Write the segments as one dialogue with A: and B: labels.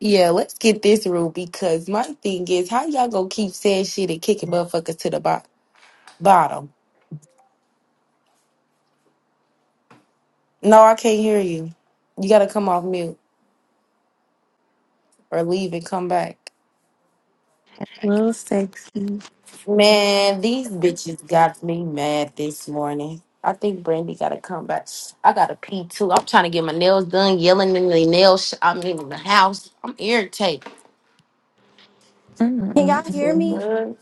A: Yeah, let's get this rule because my thing is, how y'all gonna keep saying shit and kicking motherfuckers to the bo- bottom? No, I can't hear you. You gotta come off mute or leave and come back.
B: Real sexy.
A: Man, these bitches got me mad this morning. I think Brandy gotta come back. I got to pee too. I'm trying to get my nails done, yelling in the nail sh- I'm in the house. I'm irritated.
C: Can y'all hear me?
B: Mm-mm-mm-mm.
A: Mhm.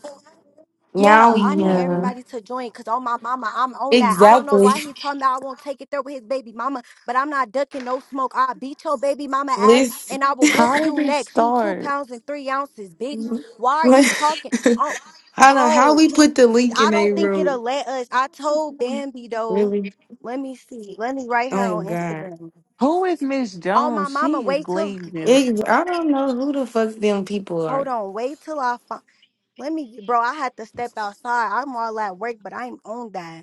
A: Now
C: Yeah,
A: we
C: I need
A: can.
B: Yeah.
C: everybody to join because on my mama, I'm on that. I don't know
A: Exactly.
C: why he told me I won't take it there with his baby mama, but I'm not ducking no smoke. I'll beat your baby mama ass
A: listen.
C: and I will whoop
B: How
C: you
B: did it
C: next. You two
B: start?
C: pounds and three ounces, bitch. Why
A: What?
C: are you talking? Oh,
A: How do how
C: bro,
A: we put the link
C: I
A: in a
C: don't think
A: room?
C: it'll let us. I told Bambi though.
A: Really?
C: Let me see. Let me write her
A: Oh
C: on
A: God!
C: Instagram.
B: Who is Miss
C: Oh, my
B: Jones?
C: mama,
B: She is
C: wait till,
B: glazing.
A: It, I don't know who the fuck them people are.
C: hold on, wait till I find, let me, bro, I had to step outside. I'm all at work, but I'm on that.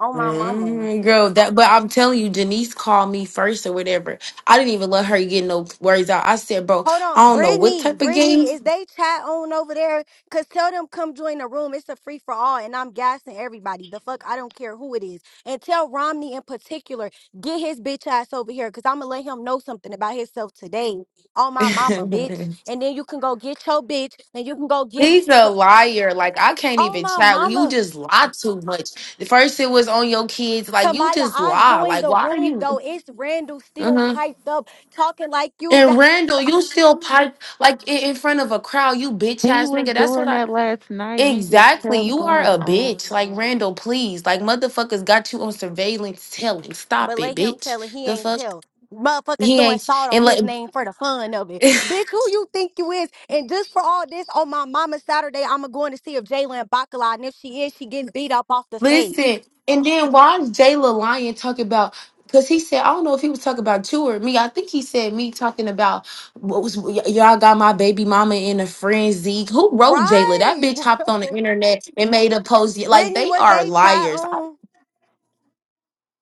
C: Oh my mama.
A: Mhm, Girl, that but I'm telling you, Janice called me first or whatever. I didn't even let her get no words out. I said, bro,
C: Hold
A: I
C: on,
A: don't know what
C: Brittany.
A: type of
C: Brittany, is
A: games.
C: they chat on over there? Cause tell them come join the room. It's a free for all, and I'm gassing everybody. The fuck, I don't care who it is. And tell Romney in particular, get his bitch ass over here, cause I'ma let him know something about himself today. Oh my mama, bitch. And then you can go get your bitch, and you can go get.
A: He's a
C: fr-
A: liar. Like I can't
C: Oh
A: even
C: my
A: chat with you.
C: mama,
A: Just lie too much. First it was on your kids. Like you
C: Tamaya,
A: just
C: I
A: lie.
C: joined
A: Like
C: the
A: why are
C: room
A: you?
C: though. It's Randall still
A: mm-hmm.
C: piped up, talking like you.
A: And Randall, you still pipe like in, in front of a crowd, you bitch
B: He
A: ass
B: was
A: nigga. That's what
B: doing
A: I
B: that last night. He just
A: exactly.
B: kept
A: You are
B: going
A: a
B: on
A: bitch.
B: and
A: Like
B: on.
A: Randall, please. Like motherfuckers got you on surveillance telling. Stop
C: But
A: it,
C: let him
A: bitch.
C: tell it. He
A: The
C: ain't
A: fuck
C: tell. Motherfuckers
A: he
C: throwing
A: ain't
C: salt
A: and
C: on
A: like
C: his name for the fun of it. Bitch, who you think you is? And just for all this, on my mama Saturday, I'm a going to go to see if Jalen Bacala, and if she is, she getting beat up off the stage.
A: listen. And then why is Jayla Lyon talking about because he said, I don't know if he was talking about you or me. I think he said me talking about what was y- y'all got my baby mama in a frenzy. Who wrote Jayla? That
C: Right.
A: bitch hopped on the internet and made a post. Like
C: Brittany,
A: they
C: was
A: are
C: they chat
A: liars.
C: on?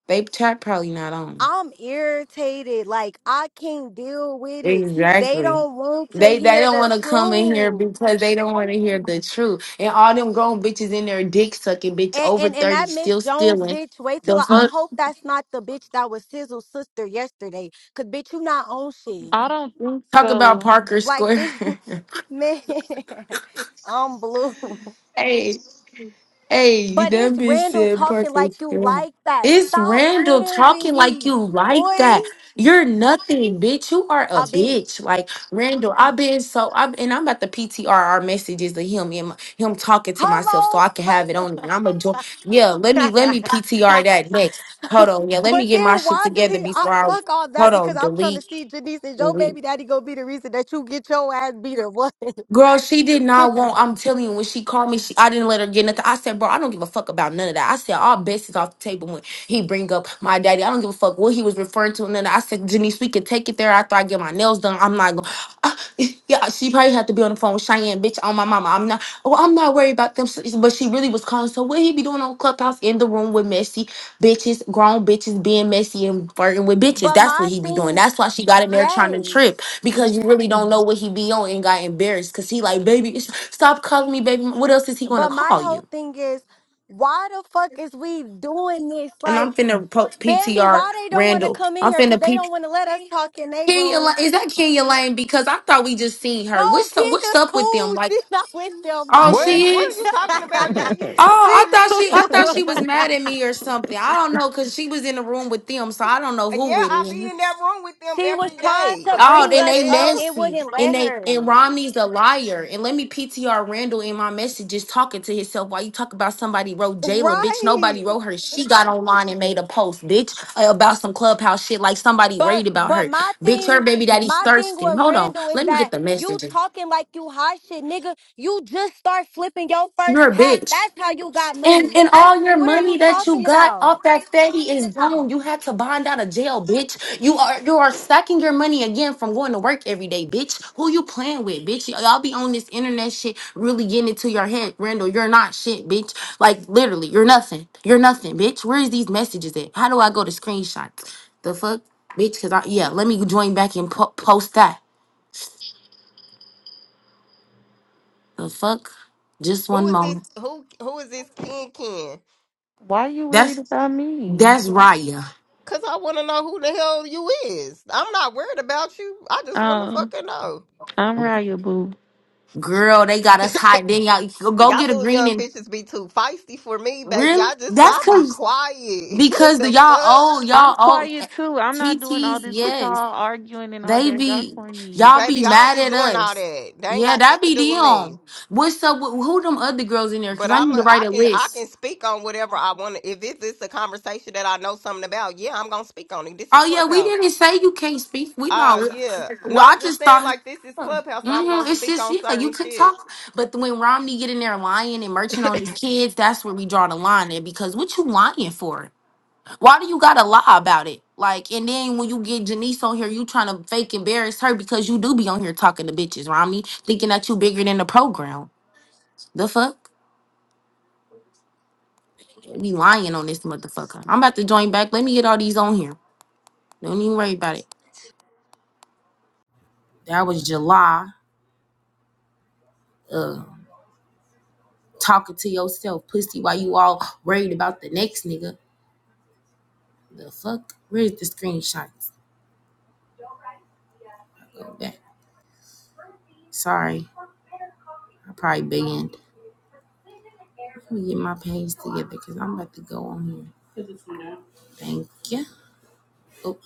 A: They chat probably not on.
C: I'm irritated. Like, I can't deal with it. They
A: Exactly.
C: don't want to
A: They they
C: hear
A: don't
C: the
A: want to come in here
C: truth.
A: because they don't want to hear the truth. And all them grown bitches in there dick sucking, bitch
C: And,
A: over
C: and and
A: 30,
C: that Miss
A: still
C: Jones
A: stealing.
C: bitch, wait till
A: The
C: I, I
A: fuck?
C: hope that's not the bitch that was Sizzle's sister yesterday. Cause bitch, you not on shit.
B: I don't think
A: Talk about
B: so.
A: Parker
C: Like
A: Square.
C: bitch, man, I'm blue.
A: Hey. Hey,
C: But
A: that
C: it's
A: bitch
C: Randall
A: said
C: talking
A: Parker
C: like you
A: Stewart.
C: like that.
A: It's
C: Stop
A: Randall
C: playing with
A: talking like
C: me,
A: you like
C: boy.
A: that. You're nothing, bitch. You are a
C: A
A: bitch.
C: bitch.
A: Like Randall, I've been so I've and I'm about to PTR our messages of him and my, him talking to myself so I can have it on. it.
C: Hello.
A: And I'm a joy. Yeah, let me let me
C: but
A: PTR that next. Hold on. Yeah, let me get my
C: then
A: shit
C: why do
A: together
C: he I,
A: before I
C: fuck all that?
A: hold
C: Because
A: on.
C: I'm trying to
A: Delete.
C: see Janice is your
A: Delete.
C: baby daddy gonna be the reason that you get your ass beat or what?
A: Girl, she did not want. I'm telling you, when she called me, she I didn't let her get nothing. I said, bro, I don't give a fuck about none of that. I said, all bets is off the table when he bring up my daddy. I don't give a fuck what he was referring to. And then I said, Janice, we could take it there after I get my nails done. I'm not going. yeah, she probably had to be on the phone with Cheyenne, bitch, on my mama. I'm not. Oh, I'm not worried about them. So, But she really was calling. So what he be doing on Clubhouse in the room with messy bitches, grown bitches being messy and flirting with bitches?
C: but
A: That's
C: my
A: what he be doing.
C: thing,
A: That's why she got in there trying to trip
C: yes.
A: because you really don't know what he be on and got embarrassed because he like baby it's- stop calling me baby what else is he gonna
C: But my
A: call
C: whole
A: you
C: thing is, why the fuck is we doing this?
A: and i'm
C: Like
A: finna post
C: Bambi,
A: ptr
C: why they don't want to
A: randall
C: come in
A: i'm
C: here? Cause
A: finna
C: they
A: p
C: don't want to let us talk in their
A: kenya
C: room.
A: lane is that kenya lane because i thought we just seen her
C: No,
A: what's up what's
C: Kia's
A: up with them
C: cool.
A: like
C: She's not with them,
A: oh
C: Maya.
A: she
D: What What are
A: is
D: you talking about? Yeah, you just
A: Oh, I
C: she
D: seen
A: thought
D: me.
A: she I thought
C: cool.
A: she was mad at me or something. I don't know cuz she was in the room with them, so I don't know
D: Uh,
A: who
D: Yeah,
A: with
D: I be
A: me.
D: in that room with them
C: She was
D: every
C: trying
D: day.
C: to
A: Oh,
C: bring
A: then
D: what the
C: us
A: they
C: up.
D: hell?
C: It
A: messy,
C: wouldn't
A: and
C: let
A: they
C: her.
A: and Romney's a liar. And let me PTR Randall in my messages talking to himself while you talk about somebody wrote Jayla, bitch.
C: Right.
A: Nobody wrote her. She got online and made a post, bitch, uh, about some clubhouse shit. Like somebody
C: But
A: worried about
C: but
A: her,
C: my
A: bitch. Her
C: thing,
A: baby daddy's
C: my thing
A: thirsty.
C: with
A: Hold on,
C: Randall is
A: let me get
C: that
A: the
C: you
A: messages.
C: talking like you hot shit, nigga. You just start flipping your
A: You're
C: first
A: a
C: pack.
A: bitch.
C: That's how you got money,
A: And and
C: nigga.
A: all your
C: What are
A: money
C: you
A: that you
C: talking
A: got
C: about?
A: off that steady is gone. You had to bond out of jail, bitch. You are you are sucking your money again from going to work every day, bitch. Who you playing with, bitch? Y'all be on this internet shit, really getting into your head, Randall. You're not shit, bitch. Like literally, you're nothing. You're nothing, bitch. Where is these messages at? How do I go to screenshots? The fuck, bitch? Cause I yeah, let me join back and po- post that. The fuck? Just
D: Who
A: one
D: is this?
A: moment.
D: Who Who is this Ken Ken?
B: Why you worried
A: That's
B: about me?
A: that's Raya.
D: Cause I want to know who the hell you is. I'm not worried about you. I just want to
B: Oh,
D: fucking know.
B: I'm Raya Boo.
A: Girl, they got us hot. Then y'all go go
D: Y'all
A: get a
D: little
A: green
D: young
A: and
D: bitches be too feisty for me, baby.
A: really?
D: I just
A: That's
D: why be
A: cause
D: quiet.
A: because the
D: the
A: y'all
D: fuck,
A: old,
B: I'm
A: y'all old
B: quiet too. I'm
A: T
B: not doing all
A: T's
B: this with
A: yes.
B: y'all arguing and all
A: They
B: that. Y'all
A: be
B: corny.
A: y'all
D: baby.
A: be
D: I don't
A: mad
D: be
A: at
D: doing all
A: us.
D: that. They ain't
A: Yeah,
D: got
A: that
D: shit to do
A: be
D: with me.
A: them. What's up with who them other girls in there?
D: But
A: Cause I
D: I'm
A: need to
D: a,
A: write
D: I
A: a
D: can I
A: list.
D: can speak on whatever I want. to If it's, it's a conversation that I know something about, yeah, I'm gonna speak on it. This is
A: Oh yeah, we
D: Clubhouse.
A: didn't say you can't speak. We know.
D: Oh
A: we-
D: yeah.
A: Well,
D: No,
A: I
D: I'm just
A: just
D: saying
A: thought
D: like this is Clubhouse, so I'm
A: hmm
D: gonna
A: it's
D: speak
A: just
D: on
A: yeah, you
D: certain
A: could
D: shit.
A: talk, but when Romney get in there lying and merching on his kids, that's where we draw the line. And because what you lying for? Why do you gotta lie about it? Like, and then when you get Janice on here, you trying to fake embarrass her because you do be on here talking to bitches, Rami, thinking that you bigger than the program. The fuck? Be lying on this motherfucker. I'm about to join back. Let me get all these on here. Don't even worry about it. That was July. Uh, talking to yourself, pussy, while you all worried about the next nigga. The fuck? Where's the screenshots? Go back. Sorry, I probably banned. Let me get my page together because I'm about to go on here. Thank you.